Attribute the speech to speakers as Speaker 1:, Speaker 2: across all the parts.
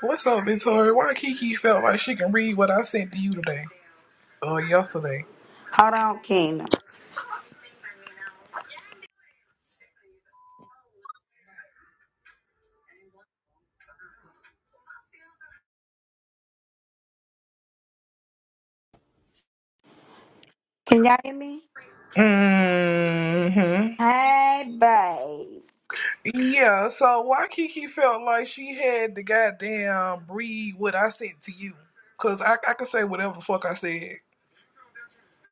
Speaker 1: What's up, Victoria? Why Kiki felt like she can read what I sent to you today or yesterday?
Speaker 2: Hold on, Kingdom. Can y'all hear me?
Speaker 1: Mm-hmm.
Speaker 2: Hey, babe.
Speaker 1: Yeah, so why Kiki felt like she had to goddamn read what I sent to you? Cause I I could say whatever the fuck I said.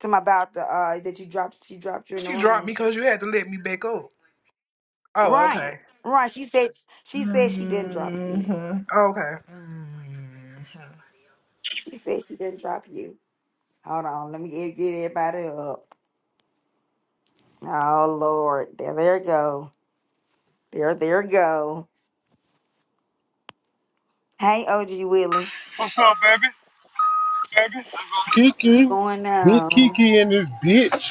Speaker 2: Talking about the uh that you dropped. She dropped you in the
Speaker 1: She dropped me
Speaker 2: room.
Speaker 1: because you had to let me back up. Oh,
Speaker 2: Right,
Speaker 1: okay.
Speaker 2: right. She said she said she didn't drop you.
Speaker 1: Mm-hmm. Okay.
Speaker 2: She said she didn't drop you. Hold on, let me get, get everybody up. Oh Lord, there, there you go. There, there you go. Hey, OG Willie,
Speaker 3: What's up, baby? Kiki,
Speaker 2: going
Speaker 3: big
Speaker 2: on.
Speaker 3: Kiki in this bitch.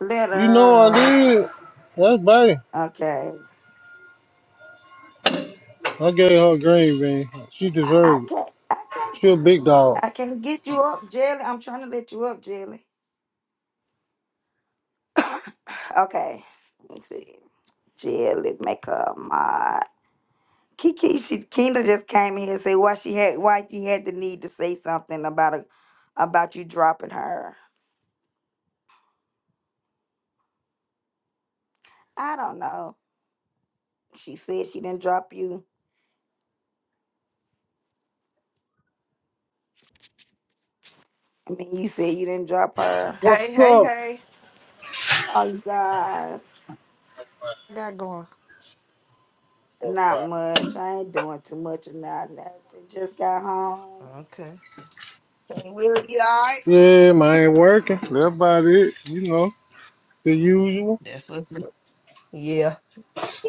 Speaker 2: Let
Speaker 3: You know I
Speaker 2: her up.
Speaker 3: did. That's bad.
Speaker 2: Okay,
Speaker 3: I gave her a green bean. She
Speaker 2: I, I
Speaker 3: deserved it.
Speaker 2: can't, I can't,
Speaker 3: She a big dog.
Speaker 2: I can't get you up, Jelly. I'm trying to let you up, Jelly. Okay. Let's see. Jill, let make up my Kiki. She Kendra just came in here and said why she had why she had the need to say something about a, about you dropping her. I don't know. She said she didn't drop you. I mean, you said you didn't drop her.
Speaker 4: Hey,
Speaker 3: What's
Speaker 4: hey,
Speaker 3: up?
Speaker 4: hey.
Speaker 2: Oh, you guys,
Speaker 4: I got going.
Speaker 2: not much. I ain't doing too much or not nothing. Just got home.
Speaker 4: Okay. Hey, Willie, you alright?
Speaker 3: Yeah, man, ain't working. That's about it. You know, the usual.
Speaker 4: That's what's up. Yeah.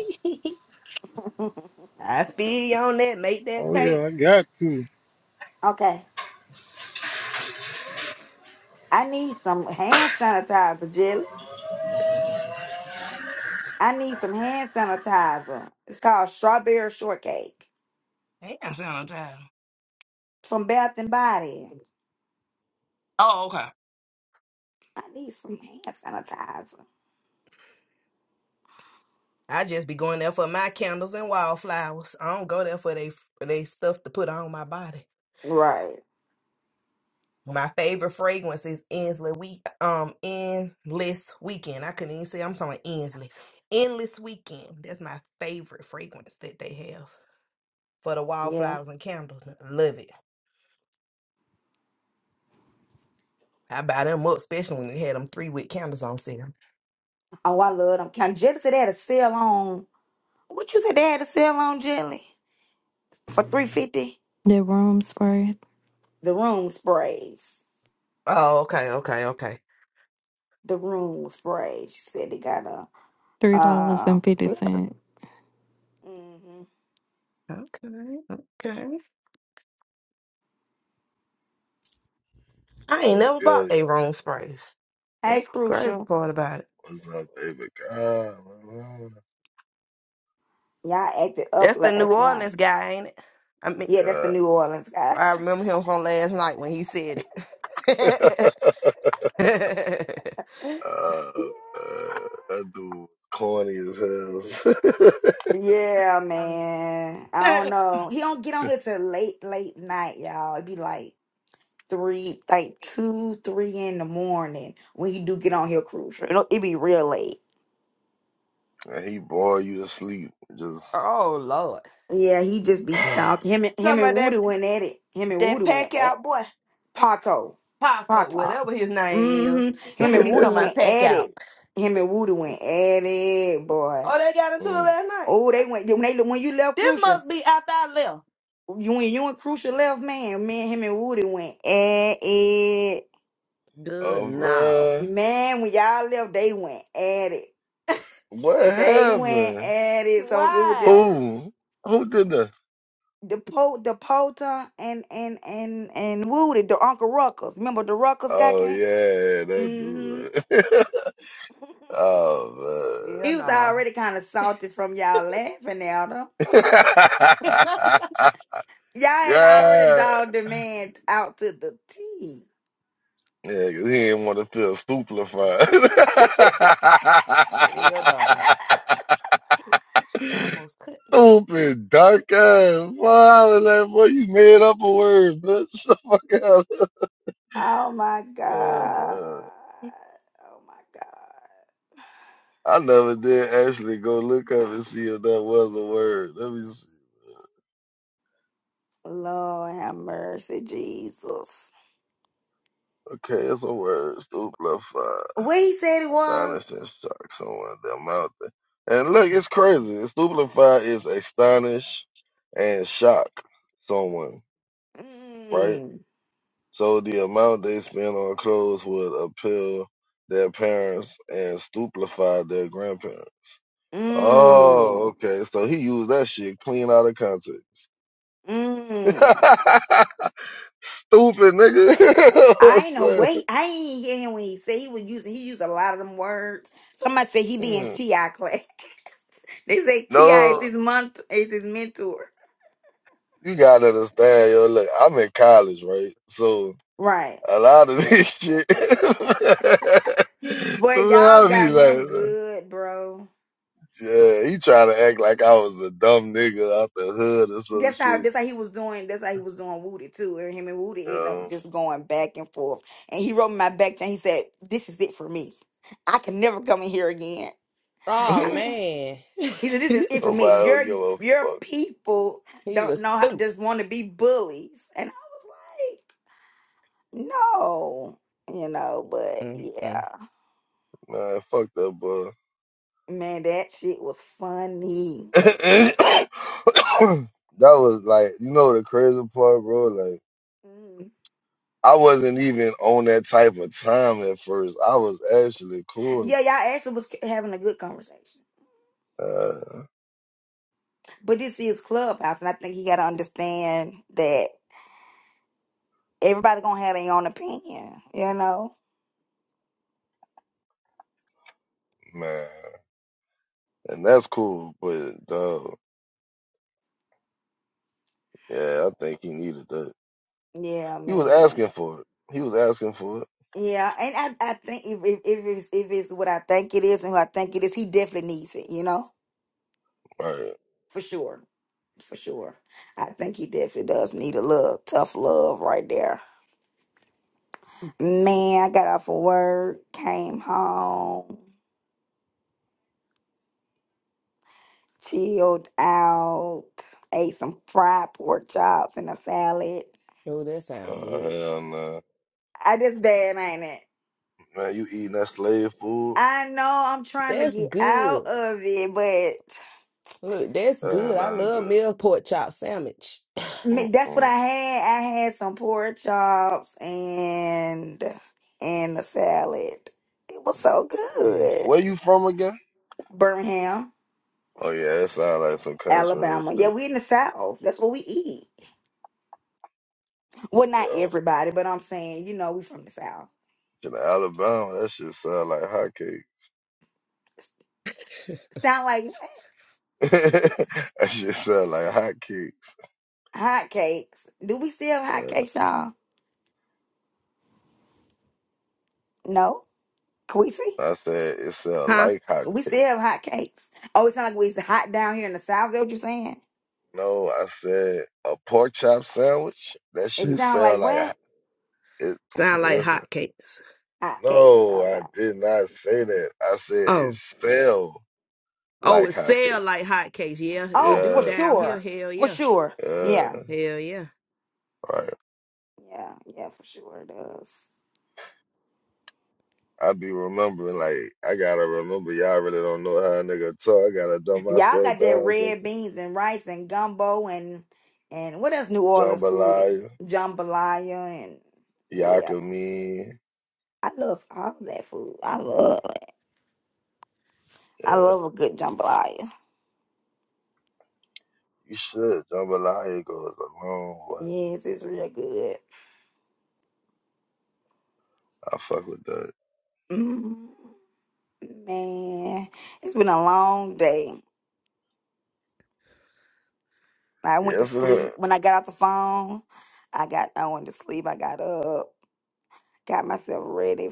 Speaker 4: I feel you on that. Make that
Speaker 3: Oh
Speaker 4: pay.
Speaker 3: yeah, I got to.
Speaker 2: okay, I need some hand sanitizer, Jelly. I need some hand sanitizer. It's called strawberry shortcake
Speaker 4: Hey, I sound on time.
Speaker 2: from Bath and Body.
Speaker 4: Oh, okay.
Speaker 2: I need some hand sanitizer.
Speaker 4: I just be going there for my candles and wildflowers. I don't go there for they for they stuff to put on my body.
Speaker 2: Right.
Speaker 4: My favorite fragrance is Inslee Week um Endless Weekend. I couldn't even say I'm talking Inslee. Endless Weekend. That's my favorite fragrance that they have for the
Speaker 2: Yeah.
Speaker 4: wildflowers and candles. Love it. I buy them up, especially when they had them three week candles on sale.
Speaker 2: Oh, I love them. Can Jelly said they had a sale on. What you said they had a sale on jelly for three fifty?
Speaker 5: The rooms were
Speaker 2: The room sprays.
Speaker 4: Oh, okay, okay, okay.
Speaker 2: The room sprays. She said they got a
Speaker 5: three dollars
Speaker 2: uh.
Speaker 5: and fifty cents.
Speaker 2: Mm-hmm.
Speaker 4: Okay, okay. I ain't
Speaker 6: What's
Speaker 4: never bought
Speaker 6: good?
Speaker 4: they room sprays.
Speaker 2: Hey,
Speaker 4: That's the crazy
Speaker 2: crucial.
Speaker 4: part about it.
Speaker 6: What's up, baby girl? What's up?
Speaker 2: Y'all acted up
Speaker 4: That's the New
Speaker 2: last night.
Speaker 4: Orleans guy, ain't it? I mean,
Speaker 2: Yeah, that's the
Speaker 6: Yeah,
Speaker 2: New Orleans guy.
Speaker 4: I remember him from last night when he said it.
Speaker 2: yeah.
Speaker 6: uh, uh, that dude was corny as hell.
Speaker 2: Yeah, man. I don't know. He don't get on here till late, late night, y'all. It'd be like three, like two, three in the morning when he do get on here crucial. It'll, it be real late.
Speaker 6: And he bore you to sleep. Just,
Speaker 4: oh Lord,
Speaker 2: Yeah, he just be talking. Him and him
Speaker 4: talking
Speaker 2: and
Speaker 4: about that
Speaker 2: Woody went at it. Him and
Speaker 4: that
Speaker 2: Woody went
Speaker 4: pack
Speaker 2: at
Speaker 4: out boy,
Speaker 2: Pato.
Speaker 4: Paco,
Speaker 2: Pato.
Speaker 4: whatever his name is.
Speaker 2: hmm
Speaker 4: Look
Speaker 2: Him
Speaker 4: at
Speaker 2: and
Speaker 4: me
Speaker 2: Woody
Speaker 4: talking about
Speaker 2: went
Speaker 4: pack
Speaker 2: at
Speaker 4: out.
Speaker 2: it. Him and Woody went at it, boy.
Speaker 4: Oh, they got into it
Speaker 6: Mm.
Speaker 4: last night.
Speaker 2: Oh, they went when they when you left
Speaker 4: This
Speaker 2: Crucial.
Speaker 4: must be after I left.
Speaker 2: You and you and Crucial left, man. Me and him and Woody went at it.
Speaker 4: Good
Speaker 6: oh,
Speaker 4: no.
Speaker 6: bruh.
Speaker 2: Man, when y'all left, they went at it.
Speaker 6: What
Speaker 2: They went
Speaker 6: happened?
Speaker 2: at it. So it was just
Speaker 4: Why?
Speaker 6: Who? Who did that?
Speaker 2: the po the Pota and and and and Woody, the Uncle Ruckus. Remember the Ruckus guy
Speaker 6: Oh,
Speaker 2: came?
Speaker 6: yeah, that
Speaker 2: Mm-hmm.
Speaker 6: dude. oh,
Speaker 4: Hell
Speaker 2: he was
Speaker 4: no.
Speaker 2: already kind of salty from y'all laughing at him.
Speaker 4: Hell
Speaker 6: man.
Speaker 2: Y'all had already
Speaker 6: yeah.
Speaker 2: dogged the man out to the T.
Speaker 6: Yeah, cause he didn't want to feel stupefied.
Speaker 4: no. That shit almost cut me.
Speaker 6: Stupid dark ass. Boy, I was like, boy, you made up a word, bitch. The fuck out.
Speaker 2: oh my
Speaker 6: Um,
Speaker 2: God.
Speaker 6: uh,
Speaker 2: Oh my God.
Speaker 6: I never did actually go look up and see if that was a word. Let me see.
Speaker 2: Lord have mercy, Jesus.
Speaker 6: Okay, it's a word. Stupefied.
Speaker 2: Where he said it was?
Speaker 6: Astonished and shocked someone their mouth. And look,
Speaker 4: Mm.
Speaker 6: it's crazy. Stupefied is astonish and shock someone. right?
Speaker 2: Mm,
Speaker 6: So the amount they spend on clothes would appeal their parents and stupefy their grandparents.
Speaker 2: mm,
Speaker 6: Oh, okay. So he used that shit clean out of context.
Speaker 2: mm.
Speaker 6: Stupid nigga.
Speaker 2: I ain't know
Speaker 6: Son.
Speaker 2: where he- I ain't hear him when he said he was using he used a lot of them words. Somebody said he be in
Speaker 6: Mm.
Speaker 2: TI class. they say TI is
Speaker 6: no,
Speaker 2: his month is his mentor.
Speaker 6: you gotta understand, yo. Look, I'm in college, right? So
Speaker 2: Right.
Speaker 6: a lot of this shit, man,
Speaker 2: But y'all
Speaker 6: I be
Speaker 2: got him
Speaker 6: like,
Speaker 2: good, bro.
Speaker 6: Yeah, he trying to act like I was a dumb nigga out the hood or some
Speaker 2: That's how
Speaker 6: shit.
Speaker 2: that's how he was doing that's how he was doing Woody too. And him and
Speaker 6: You
Speaker 2: Woody ended up
Speaker 6: know?
Speaker 2: just going back and forth. And he wrote me my back and he said, This is it for me. I can never come in here again.
Speaker 4: Oh man.
Speaker 2: He said, This is it for me. Your
Speaker 6: Nobody don't give a
Speaker 2: your
Speaker 6: fuck.
Speaker 2: people
Speaker 4: he
Speaker 2: don't
Speaker 4: was
Speaker 2: know how
Speaker 4: stupid.
Speaker 2: just wanna be bullies. And I was like, No. You know, but
Speaker 4: Mm-mm.
Speaker 2: yeah.
Speaker 6: Man, fuck that boy.
Speaker 2: Man, that shit was funny.
Speaker 6: that was like, you know the crazy part, bro? Like,
Speaker 2: Mm.
Speaker 6: I wasn't even on that type of time at first. I was actually cool.
Speaker 2: Yeah, y'all actually was having a good conversation.
Speaker 6: Uh,
Speaker 2: But this is Clubhouse, and I think you got to understand that. everybody gonna have their own opinion, you know.
Speaker 6: man. And that's cool, but dog, yeah, I think he needed that.
Speaker 2: Yeah,
Speaker 6: He was
Speaker 2: man.
Speaker 6: asking for it. He was asking for it.
Speaker 2: Yeah, and I, I think if, if if it's if it's what I think it is and who I think it is, he definitely needs it, you know,
Speaker 6: Alright,
Speaker 2: for sure, for sure. I think he definitely does need a little tough love right there. Man, I got off of work, came home, chilled out, ate some fried pork chops and a salad.
Speaker 4: Oh, that sounds
Speaker 6: Uh,
Speaker 4: good.
Speaker 6: hell no.
Speaker 2: I just bad, ain't it?
Speaker 6: Man, you eating that slave food?
Speaker 2: I know I'm trying to
Speaker 4: That's
Speaker 2: get out
Speaker 4: good.
Speaker 2: of it,
Speaker 4: Look, that's
Speaker 6: Uh,
Speaker 4: good. I
Speaker 6: nothing
Speaker 4: love
Speaker 6: good.
Speaker 4: meal pork chop sandwich.
Speaker 2: Ma- That's what I
Speaker 6: Mm-mm.
Speaker 2: had. I had some pork chops and and a salad. It was so good.
Speaker 6: Where you from again?
Speaker 2: Birmingham,
Speaker 6: Oh yeah, that sound like some country and
Speaker 2: Alabama. Yeah,
Speaker 6: shit.
Speaker 2: we in the South. That's what we eat. Well, not
Speaker 6: Yeah,
Speaker 2: everybody, but I'm saying, you know, we from the South.
Speaker 6: in Alabama, that shit sound like hotcakes.
Speaker 2: Sound like what?
Speaker 6: that shit sound like hotcakes.
Speaker 2: Hotcakes. Do we still have
Speaker 6: Uh,
Speaker 2: hotcakes, y'all? No. Can we see?
Speaker 6: I said it sound
Speaker 4: Huh?
Speaker 6: like
Speaker 2: We
Speaker 6: hotcakes.
Speaker 2: still have hotcakes. Oh, it's not like we used to hot down here in the South. Is that what you're saying?
Speaker 6: No, I said a pork chop sandwich. That
Speaker 2: It
Speaker 6: shit
Speaker 4: Mm.
Speaker 2: sound
Speaker 6: sound
Speaker 2: like
Speaker 6: like ho-
Speaker 2: what?
Speaker 6: it.
Speaker 4: Sound like
Speaker 6: Listen,
Speaker 4: hotcakes.
Speaker 2: Hotcakes.
Speaker 6: no, I
Speaker 2: Okay.
Speaker 6: did not say that. I said it
Speaker 4: Oh.
Speaker 6: sound
Speaker 4: Oh,
Speaker 6: like
Speaker 4: it
Speaker 6: hotcakes.
Speaker 4: sell like hotcakes. Yeah, they
Speaker 2: Oh,
Speaker 4: do
Speaker 2: for
Speaker 6: Yeah,
Speaker 4: down here.
Speaker 2: sure.
Speaker 4: Hell
Speaker 2: For
Speaker 4: yeah.
Speaker 2: sure.
Speaker 6: yeah.
Speaker 2: Yeah.
Speaker 4: Hell yeah.
Speaker 6: right.
Speaker 2: Yeah. Yeah, for sure it does.
Speaker 6: I be remembering, like, I gotta remember y'all really don't know how a nigga talk. I gotta dumb
Speaker 2: Y'all
Speaker 6: myself
Speaker 2: got that
Speaker 6: down. So,
Speaker 2: red beans and rice and gumbo and and what else New Orleans food?
Speaker 6: jambalaya,
Speaker 2: Jambalaya and yeah.
Speaker 6: yakami,
Speaker 2: I love all that food. I love it. I
Speaker 6: yeah,
Speaker 2: love a good jambalaya.
Speaker 6: you should. Jambalaya goes a long way.
Speaker 2: Yes, it's real good.
Speaker 6: I fuck with that.
Speaker 2: Mm, man, it's been a long day. I went to
Speaker 6: Yes, it has.
Speaker 2: sleep when I got off the phone. I got I went to sleep. I got up, got myself ready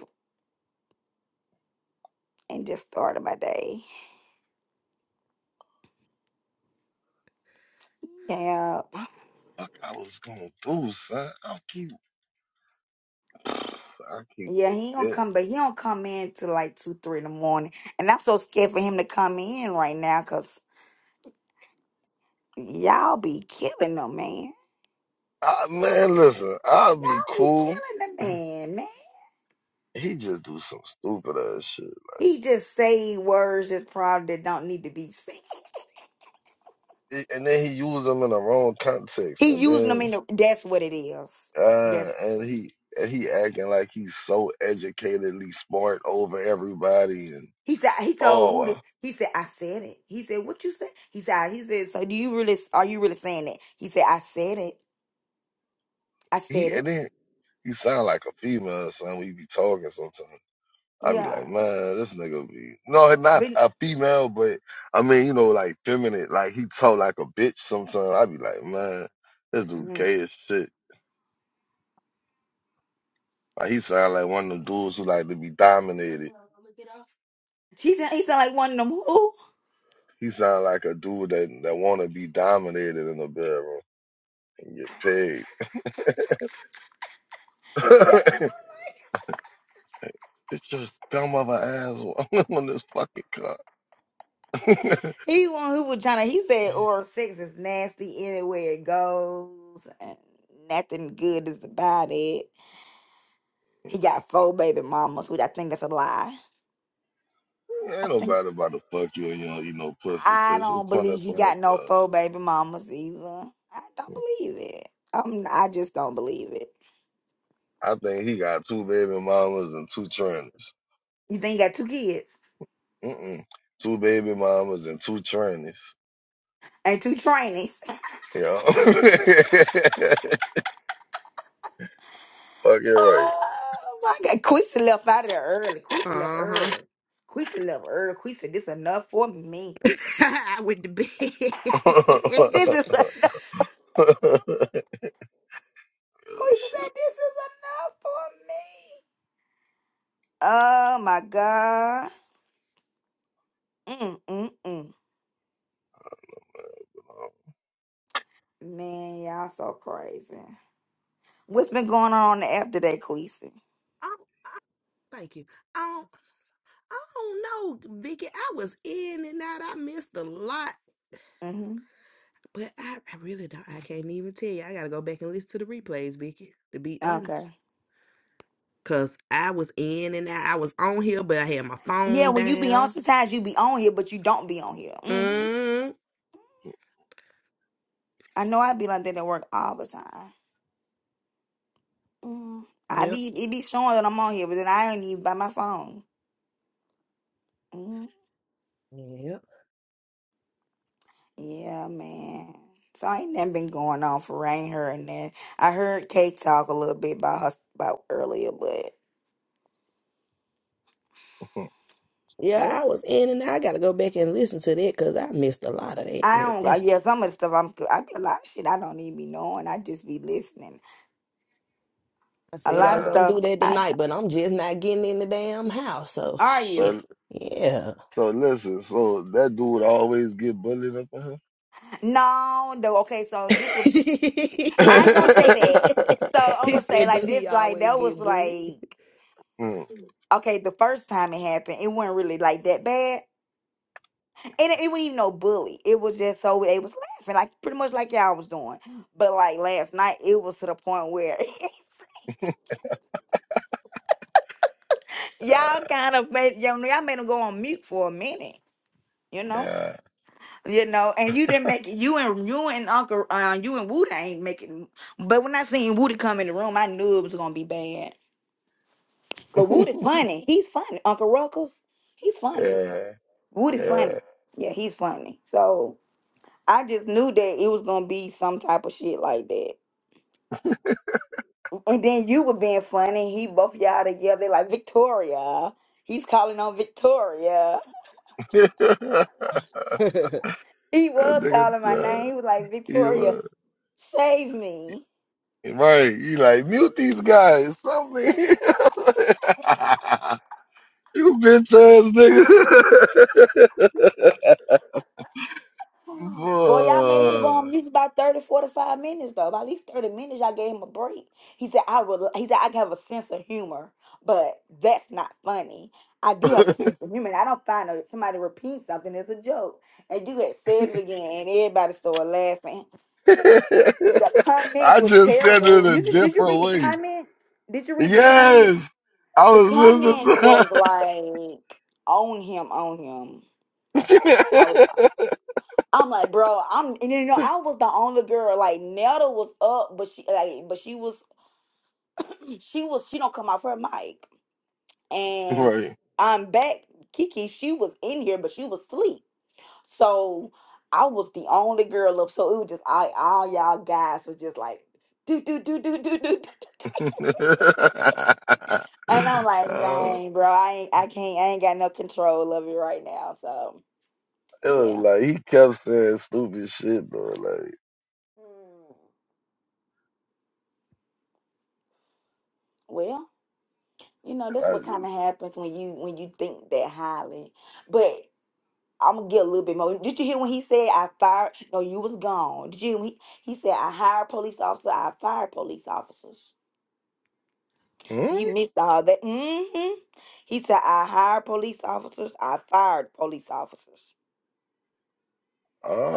Speaker 2: and just started my day. Yep.
Speaker 6: What the fuck I was gonna do, son? I keep, I keep
Speaker 2: Yeah, he don't
Speaker 6: forgetting.
Speaker 2: come, but he don't come in till like two, three in the morning, and I'm so scared for him to come in right now, cause y'all be killing the man.
Speaker 6: I, man, listen, I'll be
Speaker 2: Y'all be
Speaker 6: cool.
Speaker 2: killing the man, man.
Speaker 6: He just do some stupid ass shit.
Speaker 2: He just say words that probably don't need to be said.
Speaker 6: He- And then he use them in the wrong context.
Speaker 2: He
Speaker 6: And
Speaker 2: using them in
Speaker 6: then
Speaker 2: the. That's what it is.
Speaker 6: Uh,
Speaker 2: That's
Speaker 6: and he and he acting like he's so educatedly smart over everybody, and
Speaker 2: he said. He told
Speaker 6: oh, uh,
Speaker 2: Woody. He said, "I said it." He said, "What you said?" He said, "He said." So do you really? Are you really saying that? He said, "I said it. I
Speaker 6: he
Speaker 2: said
Speaker 6: and
Speaker 2: it."
Speaker 6: then he sound like a female or something. We be talking sometimes. I be
Speaker 2: Yeah.
Speaker 6: like, man, this nigga be no, not
Speaker 2: but.
Speaker 6: a female, but I mean, you know, like feminine. Like he talk like a bitch sometimes. I be like, man, this dude
Speaker 2: Mhm.
Speaker 6: gay as shit. Like he sound like one of them dudes who like to be dominated.
Speaker 2: She said he sound like one of them who
Speaker 6: He sound like a dude that that want to be dominated in the bedroom and get paid. It's just scum of an asshole. on this fucking car.
Speaker 2: he one who was trying to. He said oral sex is nasty anywhere it goes, and nothing good is about it. He got four baby mamas, which I think that's a lie. I
Speaker 6: Ain't
Speaker 2: think
Speaker 6: nobody about to fuck you and you don't eat no pussy.
Speaker 2: I
Speaker 6: Bitch,
Speaker 2: don't
Speaker 6: it's
Speaker 2: believe he
Speaker 6: 2025.
Speaker 2: got no four baby mamas either. I don't believe it. I'm I just don't believe it.
Speaker 6: I think he got two baby mamas and two trannies.
Speaker 2: You think he got two kids
Speaker 6: Mm-mm. Two baby mamas and two trannies.
Speaker 2: and two trainees?
Speaker 6: Yeah. Fucking right.
Speaker 2: Oh my God, Queasy left out of there early. Queasy left
Speaker 4: Uh huh.
Speaker 2: early. Queasy left early. Queasy, this enough for me.
Speaker 4: I went to bed.
Speaker 2: Queasy said, this is enough. Queasy
Speaker 6: Shit.
Speaker 2: said, This is enough for me. Oh my God. Mm, mm, mm. Man, y'all so crazy. What's been going on on the app today, Queasy?
Speaker 4: oh, oh, thank you. Um, I don't know, Vicky. I was in and out. I missed a lot,
Speaker 2: Mm-hmm.
Speaker 4: but I, I really don't. I can't even tell you. I gotta go back and listen to the replays, Vicky. To be honest,
Speaker 2: Okay.
Speaker 4: cause I was in and out. I was on here, but I had my
Speaker 2: Yeah,
Speaker 4: phone
Speaker 2: when you be on,
Speaker 4: down.
Speaker 2: sometimes you be on here, but you don't be on here. hmm
Speaker 4: Mm.
Speaker 2: I know I be like that at work all the time. Mm. I
Speaker 4: Yep.
Speaker 2: be it be showing that I'm on here, but then I ain't even by my phone. Mm-hmm.
Speaker 4: Yep.
Speaker 2: Yeah, man. So ain't nothing been going on for rain her, and then I heard Kate talk a little bit about her about earlier, but
Speaker 6: man.
Speaker 4: Yeah,
Speaker 2: this
Speaker 4: I was in and out. I gotta go back and listen to that because I missed a lot of that
Speaker 2: I
Speaker 4: right
Speaker 2: don't.
Speaker 4: there.
Speaker 2: uh, Yeah, some of the stuff I'm. I be a lot of shit I don't even be knowing. I just be listening.
Speaker 4: I
Speaker 2: A
Speaker 4: said I
Speaker 2: lot of
Speaker 4: was
Speaker 6: Uh,
Speaker 4: gonna do
Speaker 2: stuff
Speaker 4: that
Speaker 2: I
Speaker 4: tonight,
Speaker 2: don't.
Speaker 4: but I'm just not getting in the damn house. So
Speaker 2: Are
Speaker 4: shit.
Speaker 6: so,
Speaker 2: you?
Speaker 4: Yeah.
Speaker 6: so listen, so that dude always get bullied up in
Speaker 2: No. The, okay. So this was.
Speaker 4: he
Speaker 2: I ain't gonna
Speaker 6: here?
Speaker 2: say that. So I'm gonna say
Speaker 4: said, Do
Speaker 2: like this.
Speaker 4: he
Speaker 2: Like
Speaker 4: always
Speaker 2: that was
Speaker 4: get bullied?
Speaker 2: like.
Speaker 6: Mm.
Speaker 2: Okay, the first time it happened, it wasn't really like that bad. And it, it wasn't even no bully. It was just so they was laughing, like pretty much like y'all was doing. But like last night, it was to the point where
Speaker 6: Uh,
Speaker 2: y'all kind of made you know, y'all made them go on mute for a minute. You know,
Speaker 6: Yeah.
Speaker 2: you know, and you didn't make it. You and you and Uncle, uh, you and Woody ain't making. But when I seen Woody come in the room, I knew it was gonna be bad. Cause Woody funny. He's funny. Uncle Ruckus, he's funny.
Speaker 6: yeah.
Speaker 2: Woody funny.
Speaker 6: Yeah.
Speaker 2: Yeah, he's funny. So I just knew that it was gonna be some type of shit like that. And then you were being funny. He both y'all together like Victoria. He's calling on Victoria.
Speaker 6: that
Speaker 2: He was
Speaker 6: nigga
Speaker 2: calling my name.
Speaker 6: said
Speaker 2: He was like,
Speaker 6: he
Speaker 2: Victoria,
Speaker 6: was
Speaker 2: save me.
Speaker 6: right. You like mute these guys. Something. you bitch ass nigga.
Speaker 2: Boy, y'all made him go on mute about thirty, forty, five minutes though. About at least 30 minutes, y'all gave him a break. He said, I will he said I can have a sense of humor, but that's not funny. I do have
Speaker 6: Fuck.
Speaker 2: a sense of humor. and I don't find a, somebody repeat something as a joke. And you had said it again and everybody started laughing. The comments
Speaker 6: I
Speaker 2: was
Speaker 6: just said it
Speaker 2: terrible.
Speaker 6: a
Speaker 2: You did, did you
Speaker 6: different
Speaker 2: read the
Speaker 6: way.
Speaker 2: comments? Did you read the comments?
Speaker 6: Yes. I
Speaker 2: The
Speaker 6: was
Speaker 2: comments
Speaker 6: listening
Speaker 2: was like on him, on him. I was like, I'm like, bro, I'm and you know, I was the only girl. Like Nelda was up, but she like but she was she was she don't come off her mic.
Speaker 6: to
Speaker 2: And
Speaker 6: Right.
Speaker 2: I'm back. Kiki, she was in here, but she was asleep. So I was the only girl up. So it was just I all y'all guys was just like do do do do do do do do. do. And I'm like,
Speaker 6: oh
Speaker 2: dang, bro, I ain't, I can't, I ain't got no control of it right now. So
Speaker 6: It was
Speaker 2: yeah,
Speaker 6: like he kept saying stupid shit though. Like
Speaker 2: Mm. well, you know,
Speaker 6: and
Speaker 2: that's
Speaker 6: I
Speaker 2: what
Speaker 6: just
Speaker 2: kind of happens when you when you think that highly. But I'm gonna get a little bit more. Did you hear when he said I fired? No, you was gone. Did you? hear when He, he said I hired police officers. I fired police officers. So you
Speaker 6: hmm?
Speaker 2: missed all that. mm hmm He said I hired police officers. I fired police officers.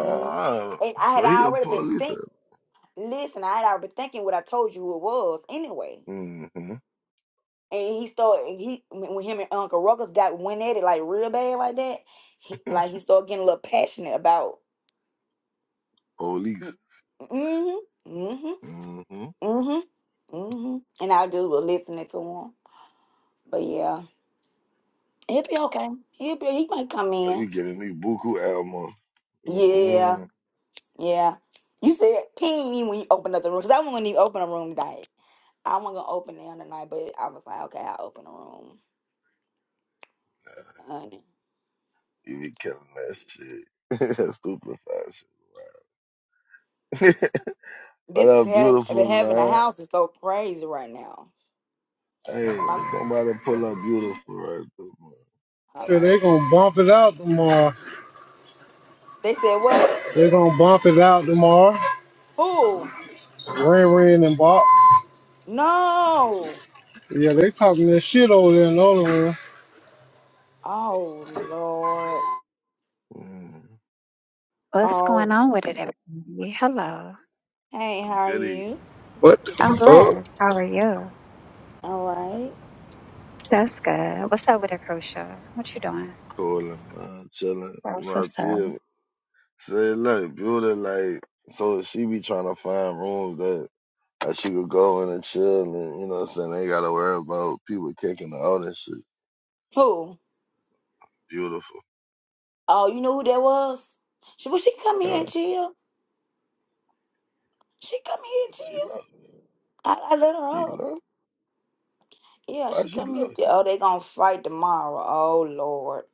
Speaker 2: Mhm. And I had
Speaker 6: so he a
Speaker 2: already been
Speaker 6: police.
Speaker 2: thinking. Listen, I had already been thinking what I told you it was anyway.
Speaker 6: Mm-hmm.
Speaker 2: And he started he when when him and Uncle Ruckus got went at it like real bad like that, he like he started getting a little passionate about
Speaker 6: Police.
Speaker 2: mm-hmm, mm-hmm,
Speaker 6: Mm-hmm.
Speaker 2: mm-hmm, mm-hmm. And I just was listening to him. But yeah. He'll be okay. He'll be he might come
Speaker 6: Are
Speaker 2: in.
Speaker 6: you giving me buku ammo?
Speaker 2: Yeah,
Speaker 6: Mm-mm.
Speaker 2: yeah. You said ping me when you open up the room. Cause I wasn't even open a room tonight. I wasn't gonna open it on the night, but I was like, okay, I'll open a room.
Speaker 6: You be killing that shit. That stupid fashion. what
Speaker 2: This
Speaker 6: up,
Speaker 2: ha-
Speaker 6: beautiful
Speaker 2: having a
Speaker 6: man?
Speaker 2: house is so crazy right now.
Speaker 6: Hey,
Speaker 2: My
Speaker 6: somebody pull up beautiful right there,
Speaker 2: I
Speaker 3: So they gonna bump it out tomorrow.
Speaker 2: They said what?
Speaker 3: They gonna bump it out tomorrow.
Speaker 2: Who?
Speaker 3: Ren Ren and Bop.
Speaker 2: No.
Speaker 3: Yeah, they talking that shit over there in the other room.
Speaker 2: Oh Lord.
Speaker 6: man. Mm.
Speaker 7: What's going
Speaker 2: Oh.
Speaker 7: on with it, everybody? Hello.
Speaker 2: Hey, how
Speaker 6: What's
Speaker 2: are
Speaker 6: goody?
Speaker 2: you?
Speaker 8: What the
Speaker 7: I'm
Speaker 8: fuck?
Speaker 7: blessed. How are you?
Speaker 2: All right.
Speaker 7: That's good. What's up with it, Crucial? What you doing?
Speaker 6: Calling, man. Chilling.
Speaker 7: That's
Speaker 6: My
Speaker 7: What's up?
Speaker 6: peer, Say, look, Buddha, like, so she be trying to find rooms that, that she could go in and chill and, you know what I'm saying? They gotta worry about people kicking her out and shit.
Speaker 2: Who?
Speaker 6: Beautiful.
Speaker 2: Oh, you know who that was? She well, she come here
Speaker 6: Yeah.
Speaker 2: and chill. She come here and
Speaker 6: She
Speaker 2: chill.
Speaker 6: love.
Speaker 2: I, I let her
Speaker 6: She
Speaker 2: out.
Speaker 6: love.
Speaker 2: Yeah,
Speaker 6: Why
Speaker 2: she
Speaker 6: she
Speaker 2: come here.
Speaker 6: love?
Speaker 2: Chill. Oh, they gonna fight tomorrow. Oh Lord.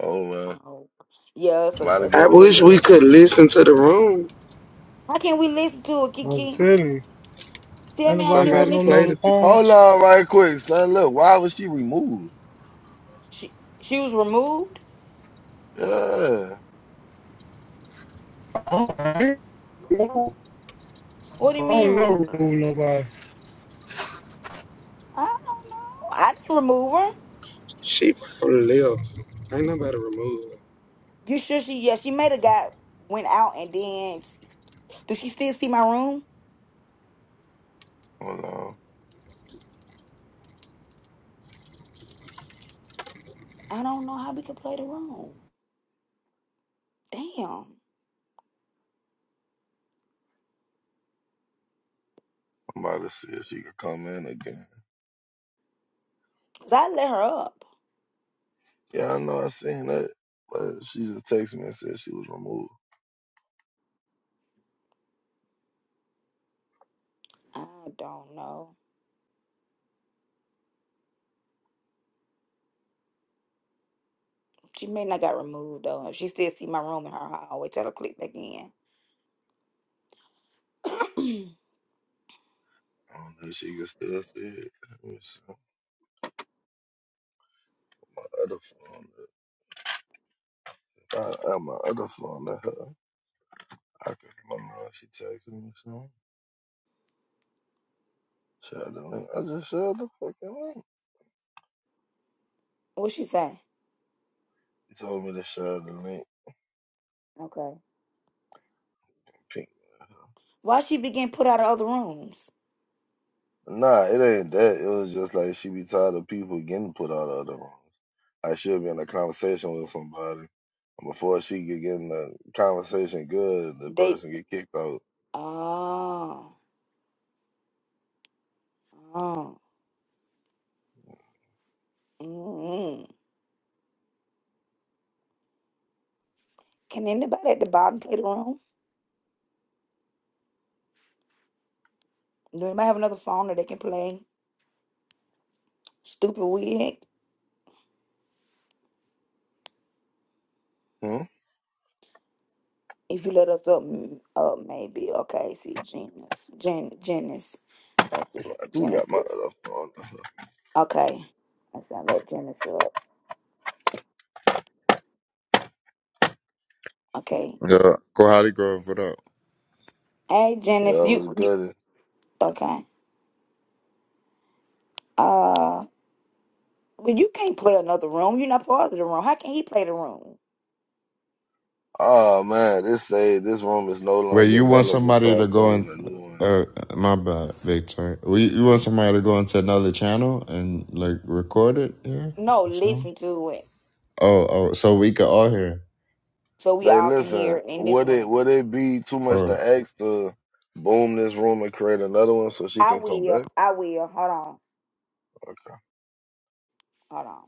Speaker 6: Oh, man.
Speaker 2: Oh. Yeah. It's a,
Speaker 6: Somebody
Speaker 2: it's
Speaker 8: I
Speaker 2: a,
Speaker 6: going
Speaker 2: it's
Speaker 6: to
Speaker 8: wish
Speaker 2: a,
Speaker 8: we
Speaker 6: jail.
Speaker 8: could listen to the room.
Speaker 2: how can we listen to it,
Speaker 3: I'm
Speaker 2: Kiki?
Speaker 3: telling you.
Speaker 2: Tell
Speaker 3: Ain't
Speaker 2: me how
Speaker 3: nobody
Speaker 2: can we
Speaker 3: got
Speaker 8: Somebody
Speaker 2: listen
Speaker 8: play
Speaker 2: to?
Speaker 3: no
Speaker 8: the
Speaker 2: it.
Speaker 8: beat.
Speaker 6: Hold on right quick, son. Look, why was she removed?
Speaker 2: She she was removed.
Speaker 6: Yeah.
Speaker 3: other phone?
Speaker 2: What do you
Speaker 3: I
Speaker 2: mean?
Speaker 3: don't
Speaker 2: Remo-
Speaker 3: know, rule nobody.
Speaker 2: I don't know. I didn't remove her.
Speaker 8: She probably left. Ain't nobody removed.
Speaker 2: You sure she? Yeah, she may have got went out and then. Does she still see my room?
Speaker 6: Hold on.
Speaker 2: I don't know how we could play the room. Damn,
Speaker 6: I'm about to see if she could come in again.
Speaker 2: cause I let her up.
Speaker 6: Yeah, I know I seen that. But she just texted me and said she was removed.
Speaker 2: I don't know. She may not got removed though. If she still see my room in her, I always tell her click back in.
Speaker 6: I don't know if she can still see it. other phone. I have my other phone to her. I can remember she texted me something. Share the link. I just shared the fucking link.
Speaker 2: what she say?
Speaker 6: She told me to share the link.
Speaker 2: Okay.
Speaker 6: Pink.
Speaker 2: Why she begin put out of other rooms?
Speaker 6: Nah, it ain't that. It was just like she be tired of people getting put out of the room. I should be in a conversation with somebody. Before she could get in the conversation good, the
Speaker 2: They.
Speaker 6: person get kicked out.
Speaker 2: Oh. Oh. Mm-mm. Can anybody at the bottom play the room? Do anybody have another phone that they can play? Stupid wig.
Speaker 6: Hmm?
Speaker 2: If you let us up, mm, up maybe. Okay, see, Genius. Gen, Genesis. That's it.
Speaker 6: I do got my
Speaker 2: Genesis.
Speaker 6: other phone.
Speaker 2: Okay. That's how that Genesis up. Okay.
Speaker 9: Yeah, Kohali Grove, what up?
Speaker 2: Hey,
Speaker 6: Yeah,
Speaker 2: Genesis,
Speaker 6: it was
Speaker 2: you, you.
Speaker 6: good.
Speaker 2: Okay. Uh, well, you can't play another room. You're not part of the room. How can he play the room?
Speaker 6: Oh man, this say this room is no
Speaker 9: Wait,
Speaker 6: longer
Speaker 9: you want
Speaker 6: available.
Speaker 9: somebody
Speaker 6: Try
Speaker 9: to go in?
Speaker 6: starting a new one.
Speaker 9: Uh, my bad, Victor. We you want somebody to go into another channel and like record it here
Speaker 2: No,
Speaker 9: or something?
Speaker 2: listen to it
Speaker 9: Oh, oh, so we could all hear.
Speaker 2: so we
Speaker 6: Say,
Speaker 2: all can
Speaker 6: listen,
Speaker 2: hear in this
Speaker 6: would it
Speaker 2: room.
Speaker 6: would it be too much to ask to boom this room and create another one so she
Speaker 2: I
Speaker 6: can come
Speaker 2: will.
Speaker 6: back?
Speaker 2: I will. Hold on.
Speaker 6: Okay.
Speaker 2: Hold on.